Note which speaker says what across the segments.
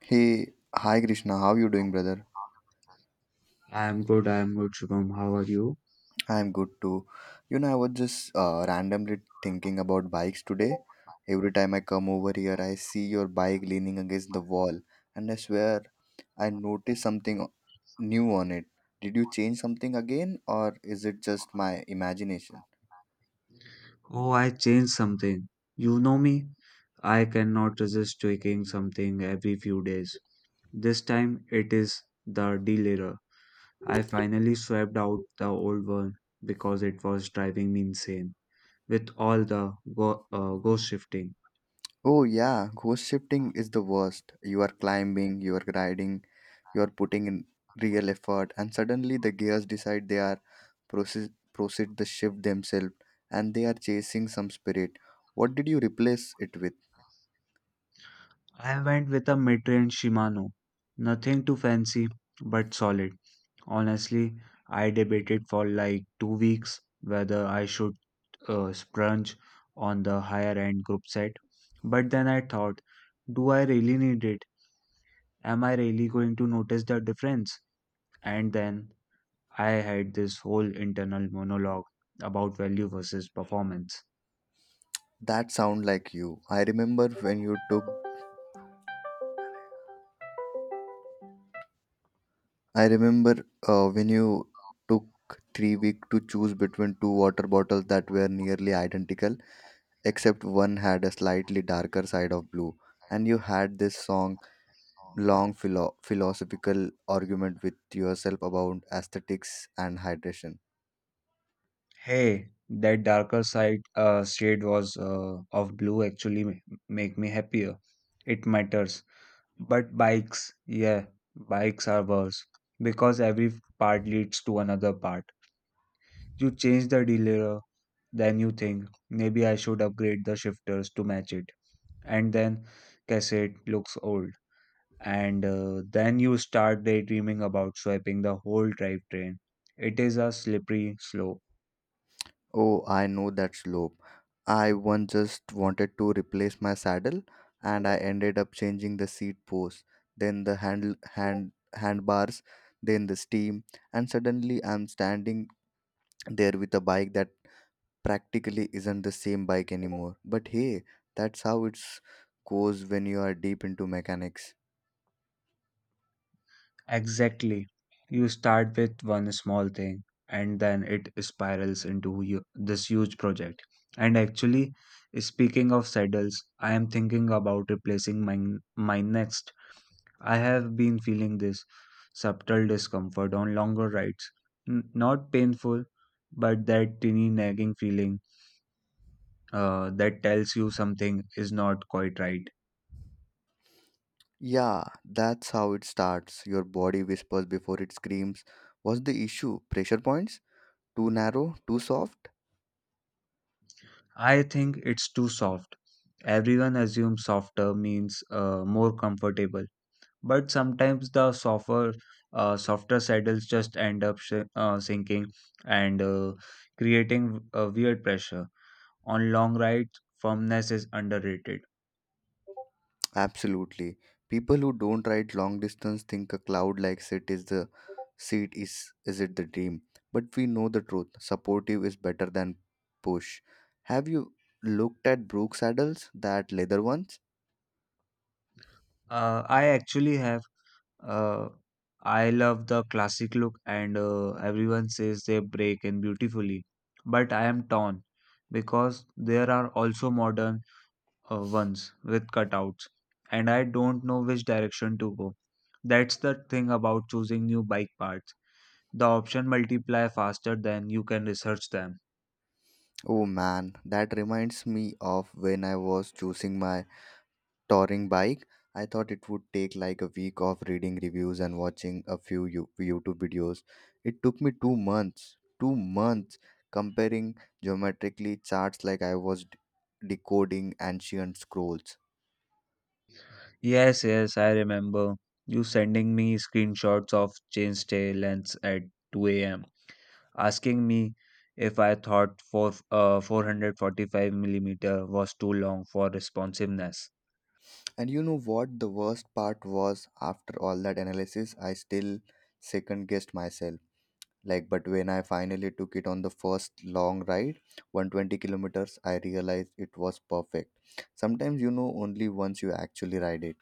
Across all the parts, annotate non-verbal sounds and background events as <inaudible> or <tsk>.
Speaker 1: Hey, hi Krishna, how you doing, brother?
Speaker 2: I'm good, Shubham. How are you?
Speaker 1: I'm good too. You know, I was just randomly thinking about bikes today. Every time I come over here, I see your bike leaning against the wall, and I swear I noticed something new on it. Did you change something again, or is it just my imagination?
Speaker 2: Oh, I changed something. You know me? I cannot resist tweaking something every few days. This time it is the delayer. I finally swapped out the old one because it was driving me insane with all the ghost shifting.
Speaker 1: Oh, yeah, ghost shifting is the worst. You are climbing, you are riding, you are putting in real effort, and suddenly the gears decide they are proceed the shift themselves and they are chasing some spirit. What did you replace it with?
Speaker 2: I went with a mid-range Shimano. Nothing too fancy, but solid. Honestly, I debated for like 2 weeks whether I should splurge on the higher end group set. But then I thought, do I really need it? Am I really going to notice the difference? And then I had this whole internal monologue about value versus performance.
Speaker 1: That sound like you. I remember when you took 3 week to choose between two water bottles that were nearly identical, except one had a slightly darker side of blue, and you had this song long philosophical argument with yourself about aesthetics and hydration.
Speaker 2: Hey, that darker side shade was of blue actually make me happier. It matters. But bikes, yeah, bikes are worse because every part leads to another part. You change the derailleur, then you think, maybe I should upgrade the shifters to match it. And then cassette looks old. And then you start daydreaming about swiping the whole drivetrain. It is a slippery slope.
Speaker 1: Oh, I know that slope. I once just wanted to replace my saddle and I ended up changing the seat post, then the handle hand handbars, then the steam, and suddenly I'm standing there with a bike that practically isn't the same bike anymore. But hey, that's how it's goes when you are deep into mechanics.
Speaker 2: Exactly. You start with one small thing and then it spirals into you, this huge project. And actually, speaking of saddles, I am thinking about replacing my next. I have been feeling this subtle discomfort on longer rides. Not painful, but that tiny nagging feeling that tells you something is not quite right.
Speaker 1: Yeah, that's how it starts. Your body whispers before it screams. What's the issue? Pressure points? Too narrow? Too soft?
Speaker 2: I think it's too soft. Everyone assumes softer means more comfortable, but sometimes the softer saddles just end up sinking and creating a weird pressure. On long rides, firmness is underrated.
Speaker 1: Absolutely. People who don't ride long distance think a cloud like seat is the seat is it the dream. But we know the truth. Supportive is better than push. Have you looked at Brooks saddles, that leather ones?
Speaker 2: I actually have. Uh, I love the classic look, and everyone says they break in beautifully. But I am torn because there are also modern ones with cutouts, and I don't know which direction to go. That's the thing about choosing new bike parts. The options multiply faster than you can research them.
Speaker 1: Oh man, that reminds me of when I was choosing my touring bike. I thought it would take like a week of reading reviews and watching a few YouTube videos. It took me 2 months, 2 months comparing geometrically charts like I was decoding ancient scrolls.
Speaker 2: Yes, yes, I remember you sending me screenshots of chain stay lengths at 2 a.m. asking me if I thought 445 millimeter was too long for responsiveness.
Speaker 1: And you know what? The worst part was after all that analysis, I still second guessed myself. Like, but when I finally took it on the first long ride, 120 kilometers, I realized it was perfect. Sometimes you know only once you actually ride it.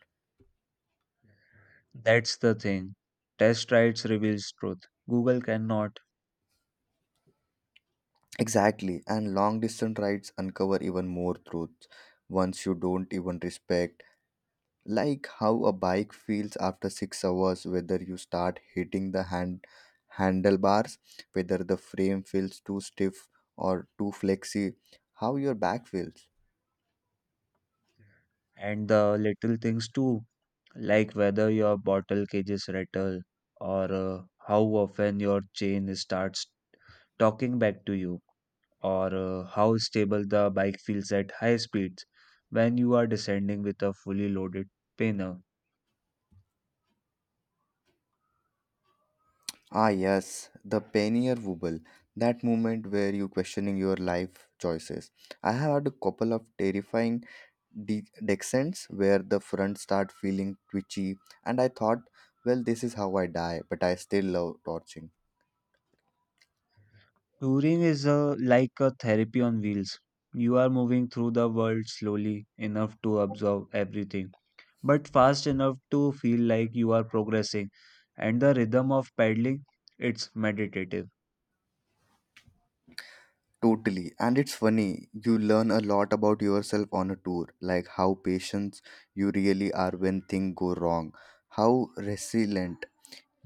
Speaker 2: That's the thing. Test rides reveals truth. Google cannot,
Speaker 1: Exactly, and long distance rides uncover even more truths once you don't even respect, like how a bike feels after 6 hours, whether you start hitting the handlebars, whether the frame feels too stiff or too flexy, how your back feels.
Speaker 2: and the little things too, like whether your bottle cages rattle or how often your chain starts talking back to you, or how stable the bike feels at high speeds when you are descending with a fully loaded panel.
Speaker 1: Ah yes, the pannier wobble, that moment where you questioning your life choices. I have had a couple of terrifying de- descends where the front start feeling twitchy, and I thought, well, this is how I die, but I still love torching.
Speaker 2: Touring is a, like a therapy on wheels. You are moving through the world slowly enough to absorb everything, but fast enough to feel like you are progressing. And the rhythm of paddling, it's meditative.
Speaker 1: Totally. And it's funny, you learn a lot about yourself on a tour, like how patient you really are when things go wrong, how resilient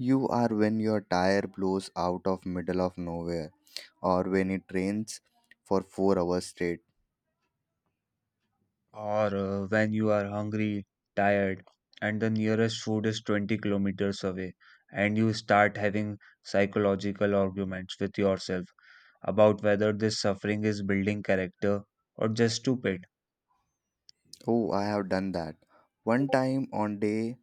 Speaker 1: you are when your tire blows out of middle of nowhere, or when it rains for 4 hours straight.
Speaker 2: Or when you are hungry, tired, and the nearest food is 20 kilometers away, and you start having psychological arguments with yourself about whether this suffering is building character or just stupid.
Speaker 1: Oh, I have done that. One time on day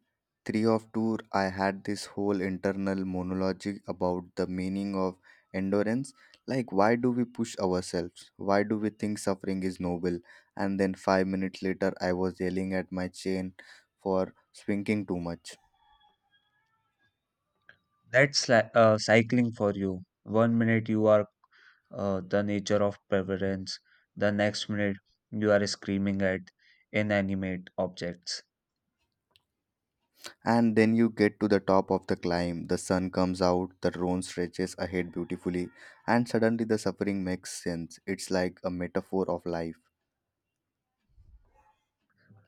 Speaker 1: three of tour, I had this whole internal monologue about the meaning of endurance. Like, why do we push ourselves? Why do we think suffering is noble? And then 5 minutes later, I was yelling at my chain for swinging too much.
Speaker 2: That's like cycling for you. One minute you are the nature of preference, the next minute you are screaming at inanimate objects.
Speaker 1: And then you get to the top of the climb, the sun comes out, the road stretches ahead beautifully, and suddenly the suffering makes sense. It's like a metaphor of life.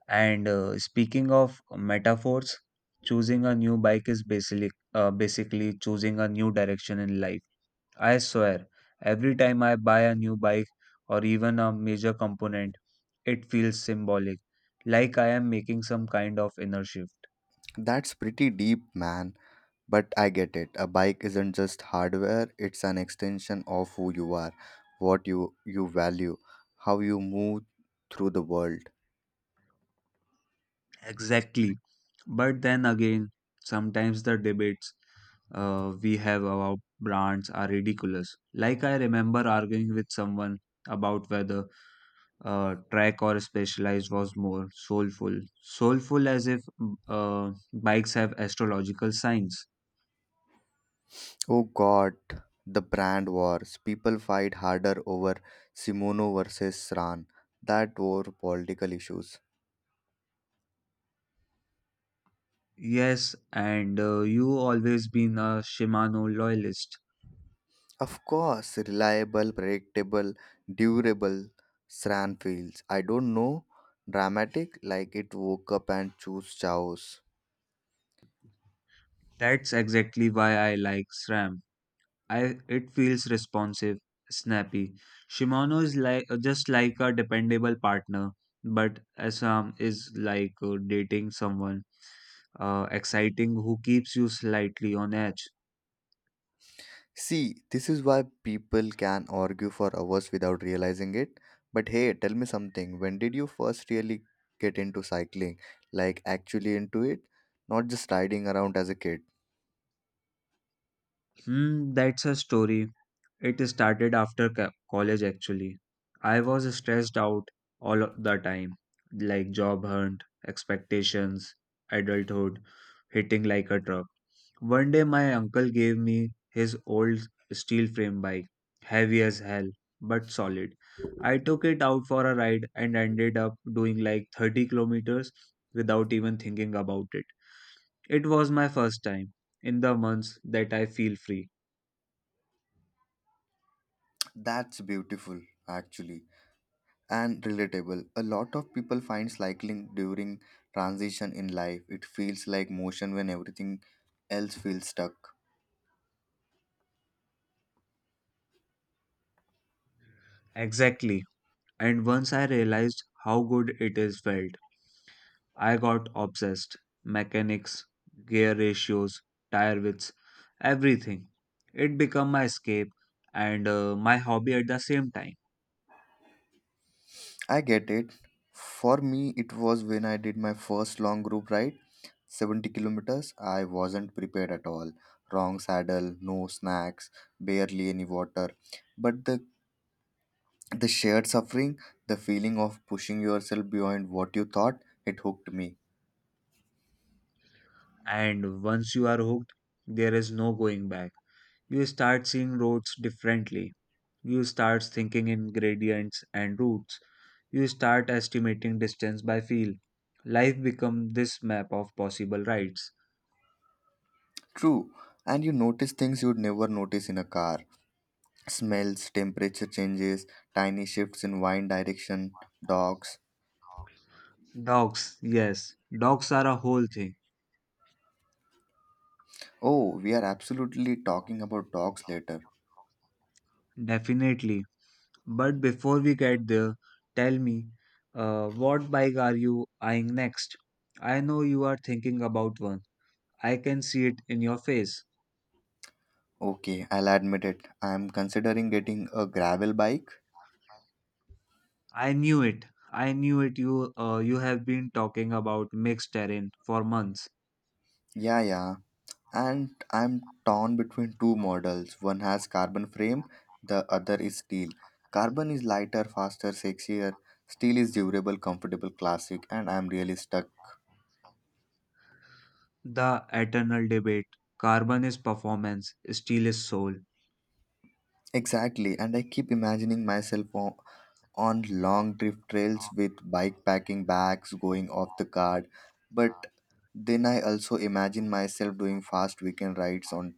Speaker 2: And speaking of metaphors, choosing a new bike is basically choosing a new direction in life. I swear, every time I buy a new bike or even a major component, it feels symbolic, like I am making some kind of inertia.
Speaker 1: That's pretty deep, man. But I get it. A bike isn't just hardware, it's an extension of who you are, what you value, how you move through the world.
Speaker 2: Exactly. But then again, sometimes the debates we have about brands are ridiculous. Like I remember arguing with someone about whether Trek or specialized was more soulful. Soulful as if bikes have astrological signs.
Speaker 1: Oh god, the brand wars. People fight harder over Simono versus Sran. That war political issues.
Speaker 2: Yes, and you always been a Shimano loyalist.
Speaker 1: Of course, reliable, predictable, durable Sran feels. I don't know, dramatic, like it woke up and chose chaos.
Speaker 2: That's exactly why I like SRAM. I it feels responsive, snappy. Shimano is like just like a dependable partner, but Assam is like dating someone exciting who keeps you slightly on edge.
Speaker 1: See, this is why people can argue for hours without realizing it. But hey, tell me something. When did you first really get into cycling? Like, actually into it? Not just riding around as a kid.
Speaker 2: Hmm, that's a story. It started after college actually. I was stressed out all of the time, like job hunt, expectations, adulthood, hitting like a truck. One day, my uncle gave me his old steel frame bike, heavy as hell, but solid. I took it out for a ride and ended up doing like 30 kilometers without even thinking about it. It was my first time in the months that I feel free.
Speaker 1: That's beautiful, actually, and relatable. A lot of people find cycling during transition in life. It feels like motion when everything else feels stuck.
Speaker 2: Exactly. And once I realized how good it is felt, I got obsessed. Mechanics, gear ratios, tire widths, everything. It became my escape and my hobby at the same time.
Speaker 1: I get it. For me, it was when I did my first long group ride, 70 kilometers. I wasn't prepared at all. Wrong saddle, no snacks, barely any water. But the shared suffering, the feeling of pushing yourself beyond what you thought, it hooked me.
Speaker 2: And once you are hooked, there is no going back. You start seeing roads differently. You start thinking in gradients and routes. You start estimating distance by feel. Life becomes this map of possible rides.
Speaker 1: True, and you notice things you'd never notice in a car. Smells, temperature changes, tiny shifts in wind direction, dogs.
Speaker 2: Dogs, yes, dogs are a whole thing,
Speaker 1: Oh, we are absolutely talking about dogs later.
Speaker 2: definitely. But before we get there, tell me, what bike are you eyeing next? I know you are thinking about one. I can see it in your face.
Speaker 1: Okay, I'll admit it. I'm considering getting a gravel bike.
Speaker 2: I knew it. I knew it. You have been talking about mixed terrain for months.
Speaker 1: Yeah, yeah. And I'm torn between two models. One has carbon frame, the other is steel. Carbon is lighter, faster, sexier. Steel is durable, comfortable, classic, and I'm really stuck.
Speaker 2: The eternal debate. Carbon is performance, steel is soul.
Speaker 1: Exactly, and I keep imagining myself on long drift trails with bike packing bags going off the guard. But then I also imagine myself doing fast weekend rides on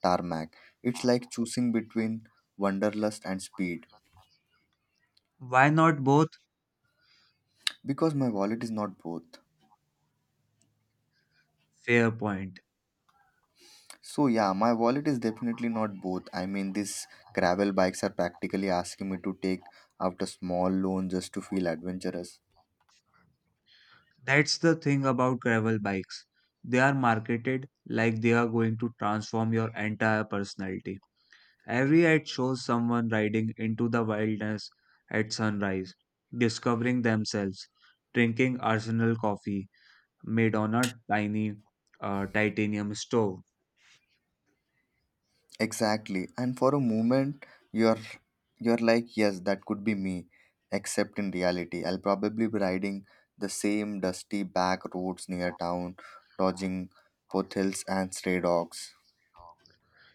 Speaker 1: tarmac. It's like choosing between wanderlust and speed,
Speaker 2: Why not both?
Speaker 1: because my wallet is not both.
Speaker 2: Fair point.
Speaker 1: So yeah, my wallet is definitely not both. I mean, these gravel bikes are practically asking me to take out a small loan just to feel adventurous.
Speaker 2: That's the thing about gravel bikes. They are marketed like they are going to transform your entire personality. Every ad shows someone riding into the wilderness at sunrise, discovering themselves, drinking Arsenal coffee made on a tiny titanium stove.
Speaker 1: Exactly. And for a moment, you're you're like, yes, that could be me. Except in reality, I'll probably be riding the same dusty back roads near town, dodging potholes and stray dogs.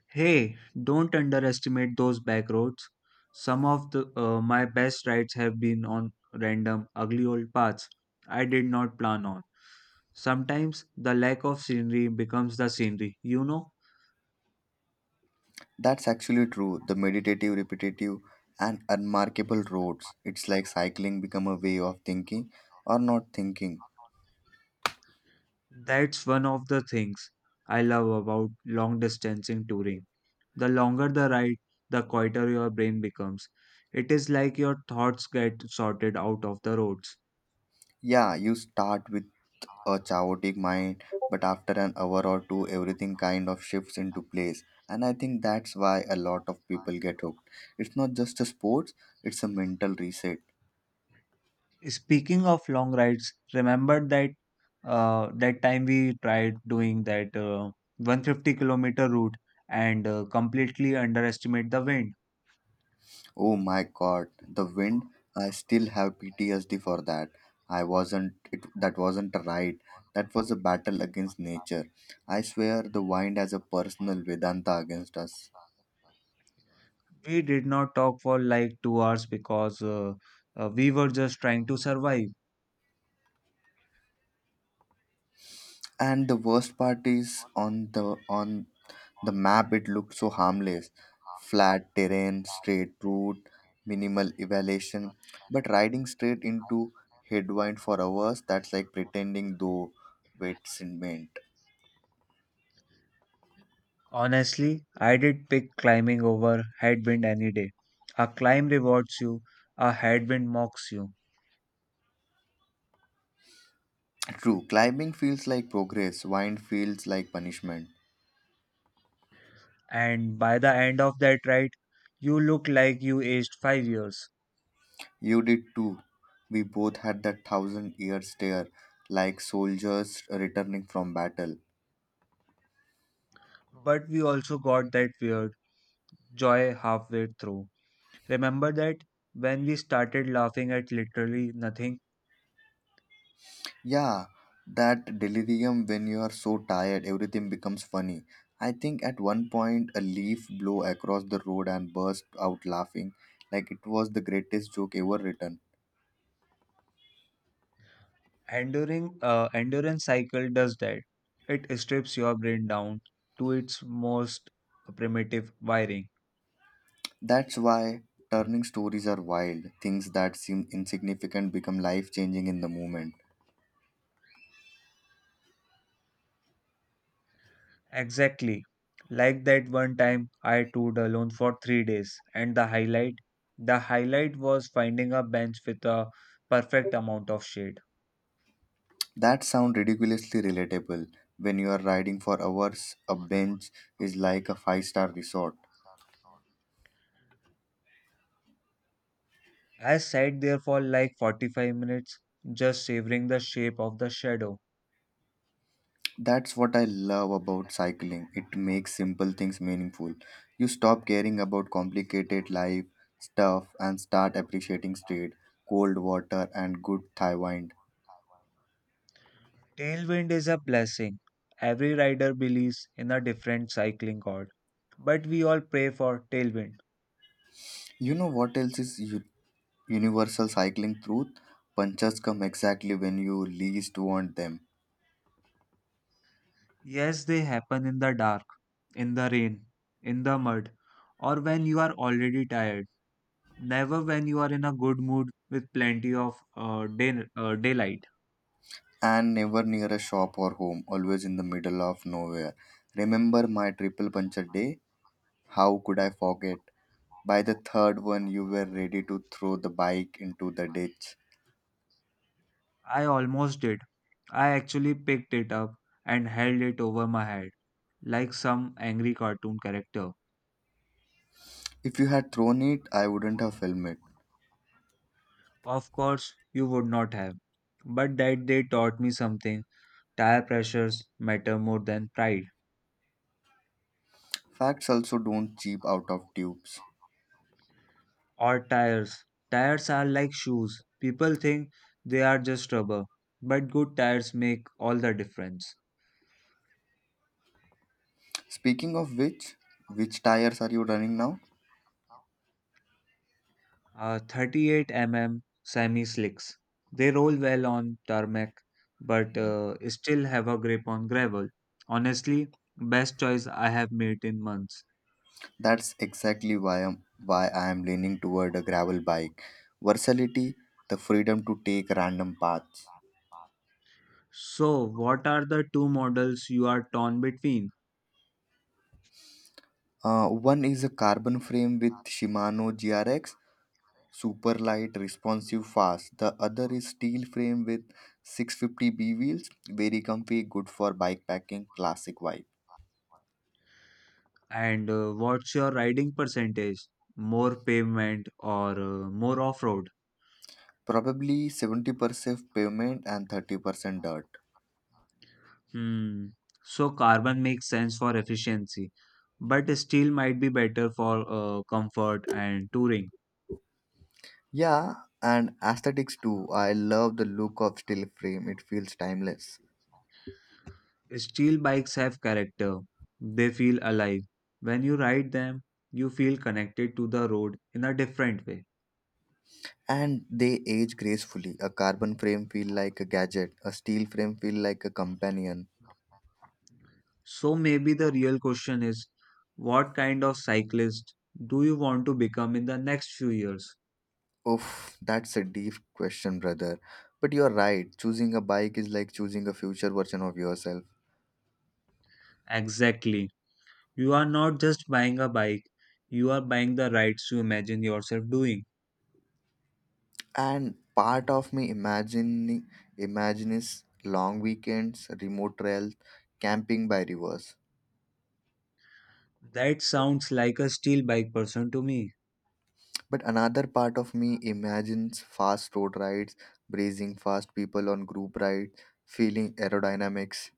Speaker 2: Hey, don't underestimate those back roads. Some of the my best rides have been on random, ugly old paths I did not plan on. Sometimes the lack of scenery becomes the scenery, you know?
Speaker 1: That's actually true. The meditative, repetitive, and unmarkable roads. It's like cycling become a way of thinking or not thinking.
Speaker 2: That's one of the things I love about long distance in touring. The longer the ride, the quieter your brain becomes. It is like your thoughts get sorted out of the roads.
Speaker 1: Yeah, you start with a chaotic mind, but after an hour or two, everything kind of shifts into place. And I think that's why a lot of people get hooked. It's not just a sports; it's a mental reset.
Speaker 2: Speaking of long rides, remember that time we tried doing that 150-kilometer route and completely underestimate the wind.
Speaker 1: Oh my god, the wind. I still have PTSD for that. I wasn't, it that wasn't a ride. That was a battle against nature. I swear the wind has a personal Vedanta against us.
Speaker 2: We did not talk for like 2 hours because we were just trying to survive.
Speaker 1: And the worst part is, on the map it looked so harmless. Flat terrain, straight route, minimal elevation. But riding straight into headwind for hours, that's like pretending though it's in wind.
Speaker 2: Honestly, I did pick climbing over headwind any day. A climb rewards you, a headwind mocks you,
Speaker 1: True, climbing feels like progress, wine feels like punishment.
Speaker 2: and by the end of that ride, you look like you aged 5 years.
Speaker 1: You did too. We both had that thousand year stare, like soldiers returning from battle.
Speaker 2: But we also got that weird joy halfway through. Remember that when we started laughing at literally nothing,
Speaker 1: Yeah, that delirium when you are so tired, everything becomes funny. I think at one point a leaf blew across the road and burst out laughing, like it was the greatest joke ever written.
Speaker 2: enduring endurance cycle does that. It strips your brain down to its most primitive wiring.
Speaker 1: That's why turning stories are wild. Things that seem insignificant become life changing in the moment.
Speaker 2: Exactly. Like that one time I toured alone for 3 days, and the highlight was finding a bench with a perfect amount of shade.
Speaker 1: That sounds ridiculously relatable. When you are riding for hours, a bench is like a five-star resort.
Speaker 2: I sat there for like 45 minutes, just savoring the shape of the shadow.
Speaker 1: That's what I love about cycling. It makes simple things meaningful. You stop caring about complicated life stuff and start appreciating street, cold water, and good Thai wine.
Speaker 2: Tailwind is a blessing. Every rider believes in a different cycling god, but we all pray for tailwind.
Speaker 1: You know what else is universal cycling truth? Punches come exactly when you least want them.
Speaker 2: Yes, they happen in the dark, in the rain, in the mud, or when you are already tired. Never when you are in a good mood with plenty of daylight.
Speaker 1: And never near a shop or home, always in the middle of nowhere. Remember my triple puncture day? How could I forget? By the third one, you were ready to throw the bike into the ditch.
Speaker 2: I almost did. I actually picked it up and held it over my head like some angry cartoon character.
Speaker 1: If you had thrown it, I wouldn't have filmed it.
Speaker 2: Of course, you would not have. But that day taught me something. Tire pressures matter more than pride
Speaker 1: Facts also don't cheap out of tubes.
Speaker 2: or tires. Tires are like shoes. People think they are just rubber, but good tires make all the difference.
Speaker 1: Speaking of which tires are you running now?
Speaker 2: 38 mm semi slicks. They roll well on tarmac, but still have a grip on gravel. Honestly, best choice I have made in months.
Speaker 1: That's exactly why I am leaning toward a gravel bike. Versatility, the freedom to take random paths.
Speaker 2: So, what are the two models you are torn between?
Speaker 1: One is a carbon frame with Shimano GRX, super light, responsive, fast. The other is steel frame with 650B wheels, very comfy, good for bike packing, classic vibe.
Speaker 2: And what's your riding percentage? More pavement or more off-road?
Speaker 1: Probably 70% pavement and 30% dirt.
Speaker 2: Hmm. So carbon makes sense for efficiency, but steel might be better for comfort and touring.
Speaker 1: Yeah, and aesthetics too. I love the look of steel frame. It feels timeless.
Speaker 2: Steel bikes have character. They feel alive. When you ride them, you feel connected to the road in a different way.
Speaker 1: And they age gracefully. A carbon frame feel like a gadget. A steel frame feel like a companion.
Speaker 2: So maybe the real question is, what kind of cyclist do you want to become in the next few years?
Speaker 1: Oof, that's a deep question, brother. But you're right, choosing a bike is like choosing a future version of yourself.
Speaker 2: Exactly. You are not just buying a bike, you are buying the rights you imagine yourself doing.
Speaker 1: And part of me imagining imagines long weekends, remote trails, camping by rivers.
Speaker 2: That sounds like a steel bike person to me.
Speaker 1: But another part of me imagines fast road rides, breezing fast people on group rides, feeling aerodynamics.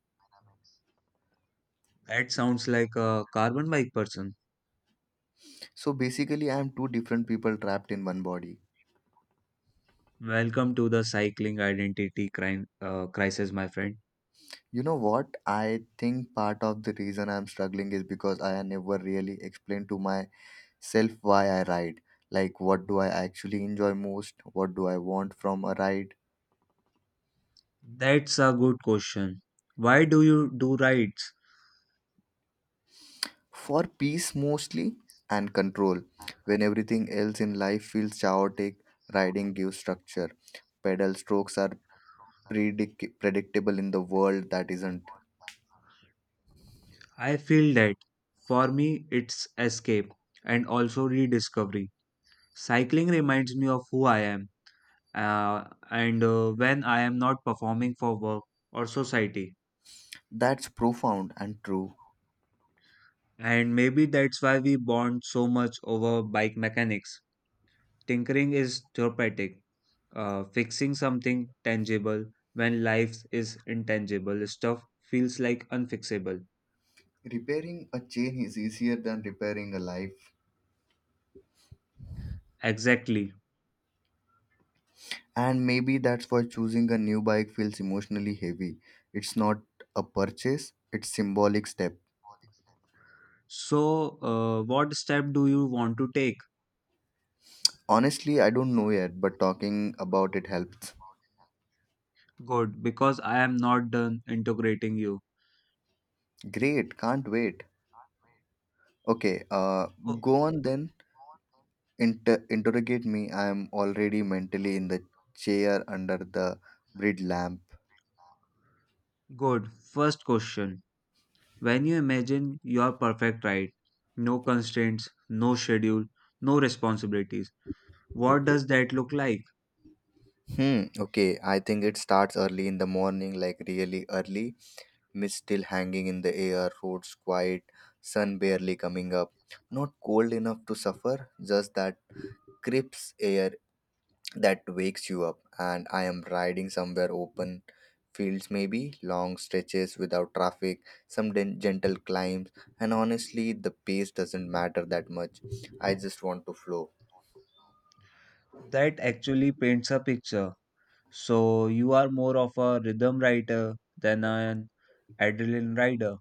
Speaker 2: That sounds like a carbon bike person.
Speaker 1: So basically I am two different people trapped in one body.
Speaker 2: Welcome to the cycling identity crisis, my friend.
Speaker 1: You know what? I think part of the reason I'm struggling is because I never really explained to myself why I ride. Like, what do I actually enjoy most? What do I want from a ride?
Speaker 2: That's a good question. Why do you do rides?
Speaker 1: For peace mostly, and control. When everything else in life feels chaotic, riding gives structure. Pedal strokes are predictable in the world that isn't.
Speaker 2: I feel that for me it's escape and also rediscovery. Cycling reminds me of who I am, and when I am not performing for work or society.
Speaker 1: That's profound and true.
Speaker 2: And maybe that's why we bond so much over bike mechanics. Tinkering is therapeutic, fixing something tangible when life is intangible. Stuff feels like unfixable.
Speaker 1: Repairing a chain is easier than repairing a life.
Speaker 2: Exactly.
Speaker 1: And maybe that's why choosing a new bike feels emotionally heavy. It's not a purchase, it's symbolic step.
Speaker 2: So, what step do you want to take?
Speaker 1: Honestly, I don't know yet, but talking about it helps.
Speaker 2: Good, because I am not done integrating you.
Speaker 1: Great, can't wait. Okay,
Speaker 2: Oh,
Speaker 1: go on then. Interrogate me. I am already mentally in the chair under the bridge lamp.
Speaker 2: good. First question. When you imagine your perfect ride, no constraints, no schedule, no responsibilities, what does that look like?
Speaker 1: Hmm. Okay. I think it starts early in the morning, like really early. Mist still hanging in the air, roads quiet, sun barely coming up. Not cold enough to suffer, just that crisp air that wakes you up. And I am riding somewhere open, fields maybe, long stretches without traffic, some gentle climbs, and honestly, the pace doesn't matter that much. I just want to flow.
Speaker 2: That actually paints a picture. So you are more of a rhythm writer than an adrenaline rider.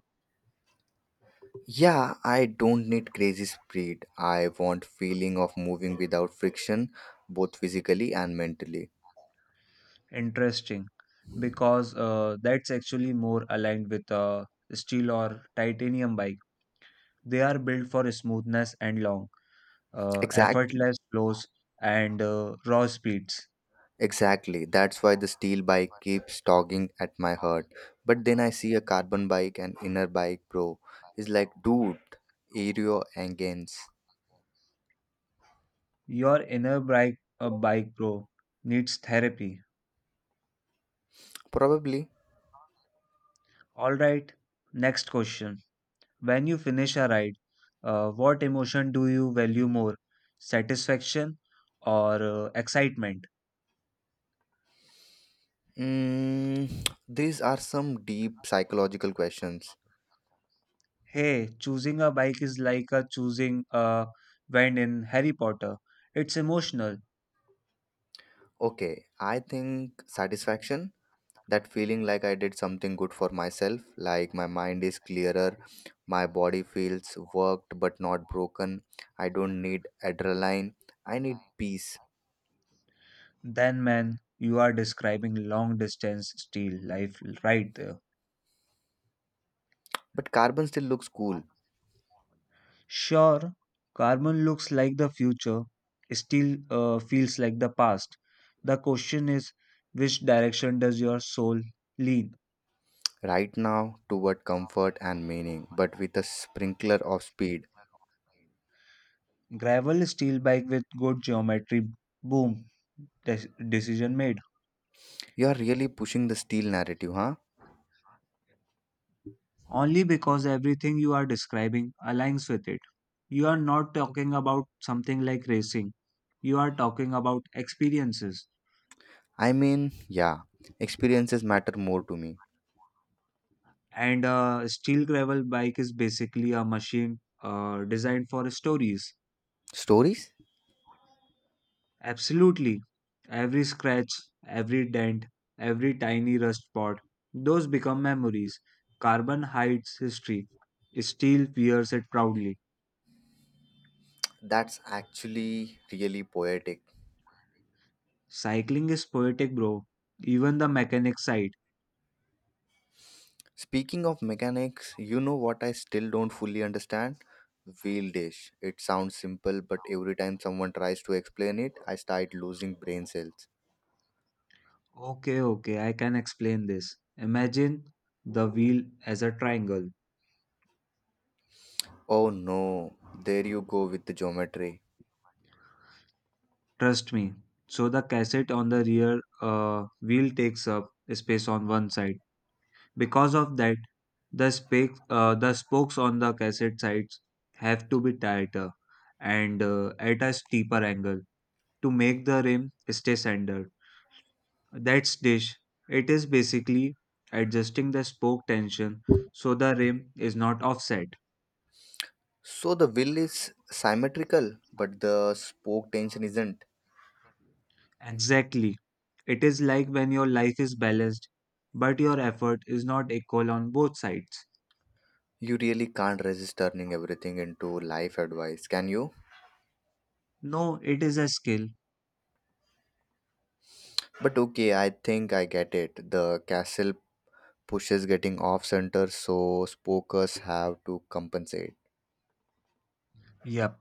Speaker 1: Yeah, I don't need crazy speed. I want feeling of moving without friction, both physically and mentally.
Speaker 2: Interesting, because that's actually more aligned with a steel or titanium bike. They are built for smoothness and long,
Speaker 1: Exactly.
Speaker 2: effortless flows and raw speeds.
Speaker 1: Exactly. That's why the steel bike keeps tugging at my heart. But then I see a carbon bike and inner bike pro. It's like, dude, aero engines.
Speaker 2: Your bike bro, needs therapy.
Speaker 1: Probably.
Speaker 2: All right, next question. When you finish a ride, what emotion do you value more? Satisfaction or excitement?
Speaker 1: Mm, <tsk> these are some deep psychological questions.
Speaker 2: Hey, choosing a bike is like a choosing a wand in Harry Potter. It's emotional.
Speaker 1: Okay, I think satisfaction, that feeling like I did something good for myself. Like, my mind is clearer, my body feels worked but not broken. I don't need adrenaline, I need peace.
Speaker 2: Then, man, you are describing long distance steel life right there.
Speaker 1: But carbon still looks cool.
Speaker 2: Sure, carbon looks like the future, steel feels like the past. The question is, which direction does your soul lean?
Speaker 1: Right now toward comfort and meaning, but with a sprinkler of speed.
Speaker 2: Gravel steel bike with good geometry. Boom. Decision made.
Speaker 1: You are really pushing the steel narrative, huh?
Speaker 2: Only because everything you are describing aligns with it. You are not talking about something like racing. You are talking about experiences.
Speaker 1: I mean, yeah, experiences matter more to me.
Speaker 2: And a steel gravel bike is basically a machine designed for stories.
Speaker 1: Stories.
Speaker 2: Absolutely. Every scratch, every dent, every tiny rust spot, those become memories. Carbon hides history. Steel wears it proudly.
Speaker 1: That's actually really poetic.
Speaker 2: Cycling is poetic, bro. Even the mechanic side.
Speaker 1: Speaking of mechanics, you know what I still don't fully understand? Wheel dish. It sounds simple, but every time someone tries to explain it, I start losing brain cells.
Speaker 2: Okay, okay, I can explain this. Imagine the wheel as a triangle.
Speaker 1: Oh no, there you go with the geometry.
Speaker 2: Trust me. So the cassette on the rear wheel takes up space on one side. Because of that, the spokes on the cassette sides have to be tighter and at a steeper angle to make the rim stay centered. That's dish. It is basically adjusting the spoke tension so the rim is not offset.
Speaker 1: So the wheel is symmetrical, but the spoke tension isn't.
Speaker 2: Exactly. It is like when your life is balanced, but your effort is not equal on both sides.
Speaker 1: You really can't resist turning everything into life advice, can you?
Speaker 2: No, it is a skill.
Speaker 1: But okay, I think I get it. The castle pushes getting off center, so spokers have to compensate.
Speaker 2: Yep.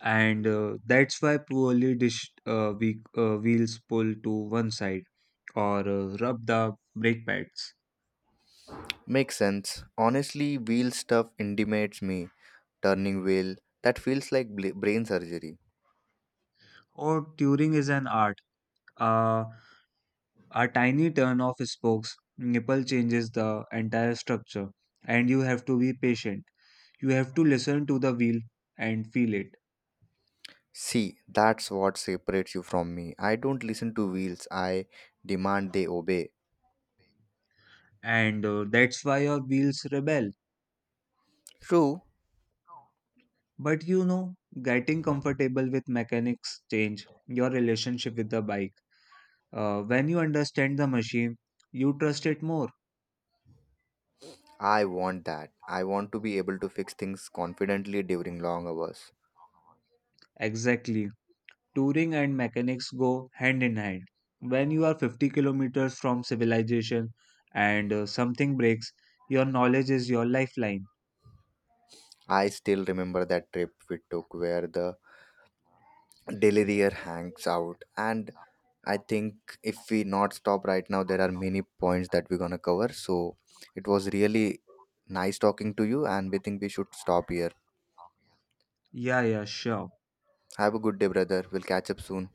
Speaker 2: And that's why poorly dished wheels pull to one side or rub the brake pads.
Speaker 1: Makes sense. Honestly, wheel stuff intimidates me. Turning wheel, that feels like brain surgery.
Speaker 2: Or tuning is an art. Uh, a tiny turn of spokes nipple changes the entire structure, and you have to be patient. You have to listen to the wheel and feel it.
Speaker 1: See, that's what separates you from me. I don't listen to wheels, I demand they obey.
Speaker 2: And that's why your wheels rebel.
Speaker 1: True.
Speaker 2: But you know, getting comfortable with mechanics change your relationship with the bike. When you understand the machine, you trust it more.
Speaker 1: I want that. I want to be able to fix things confidently during long hours.
Speaker 2: Exactly. Touring and mechanics go hand in hand. When you are 50 kilometers from civilization and something breaks, your knowledge is your lifeline.
Speaker 1: I still remember that trip we took where the Deliria hangs out. And I think if we not stop right now, there are many points that we're gonna cover. So it was really nice talking to you, and we think we should stop here.
Speaker 2: Yeah, yeah, sure.
Speaker 1: Have a good day, brother. We'll catch up soon.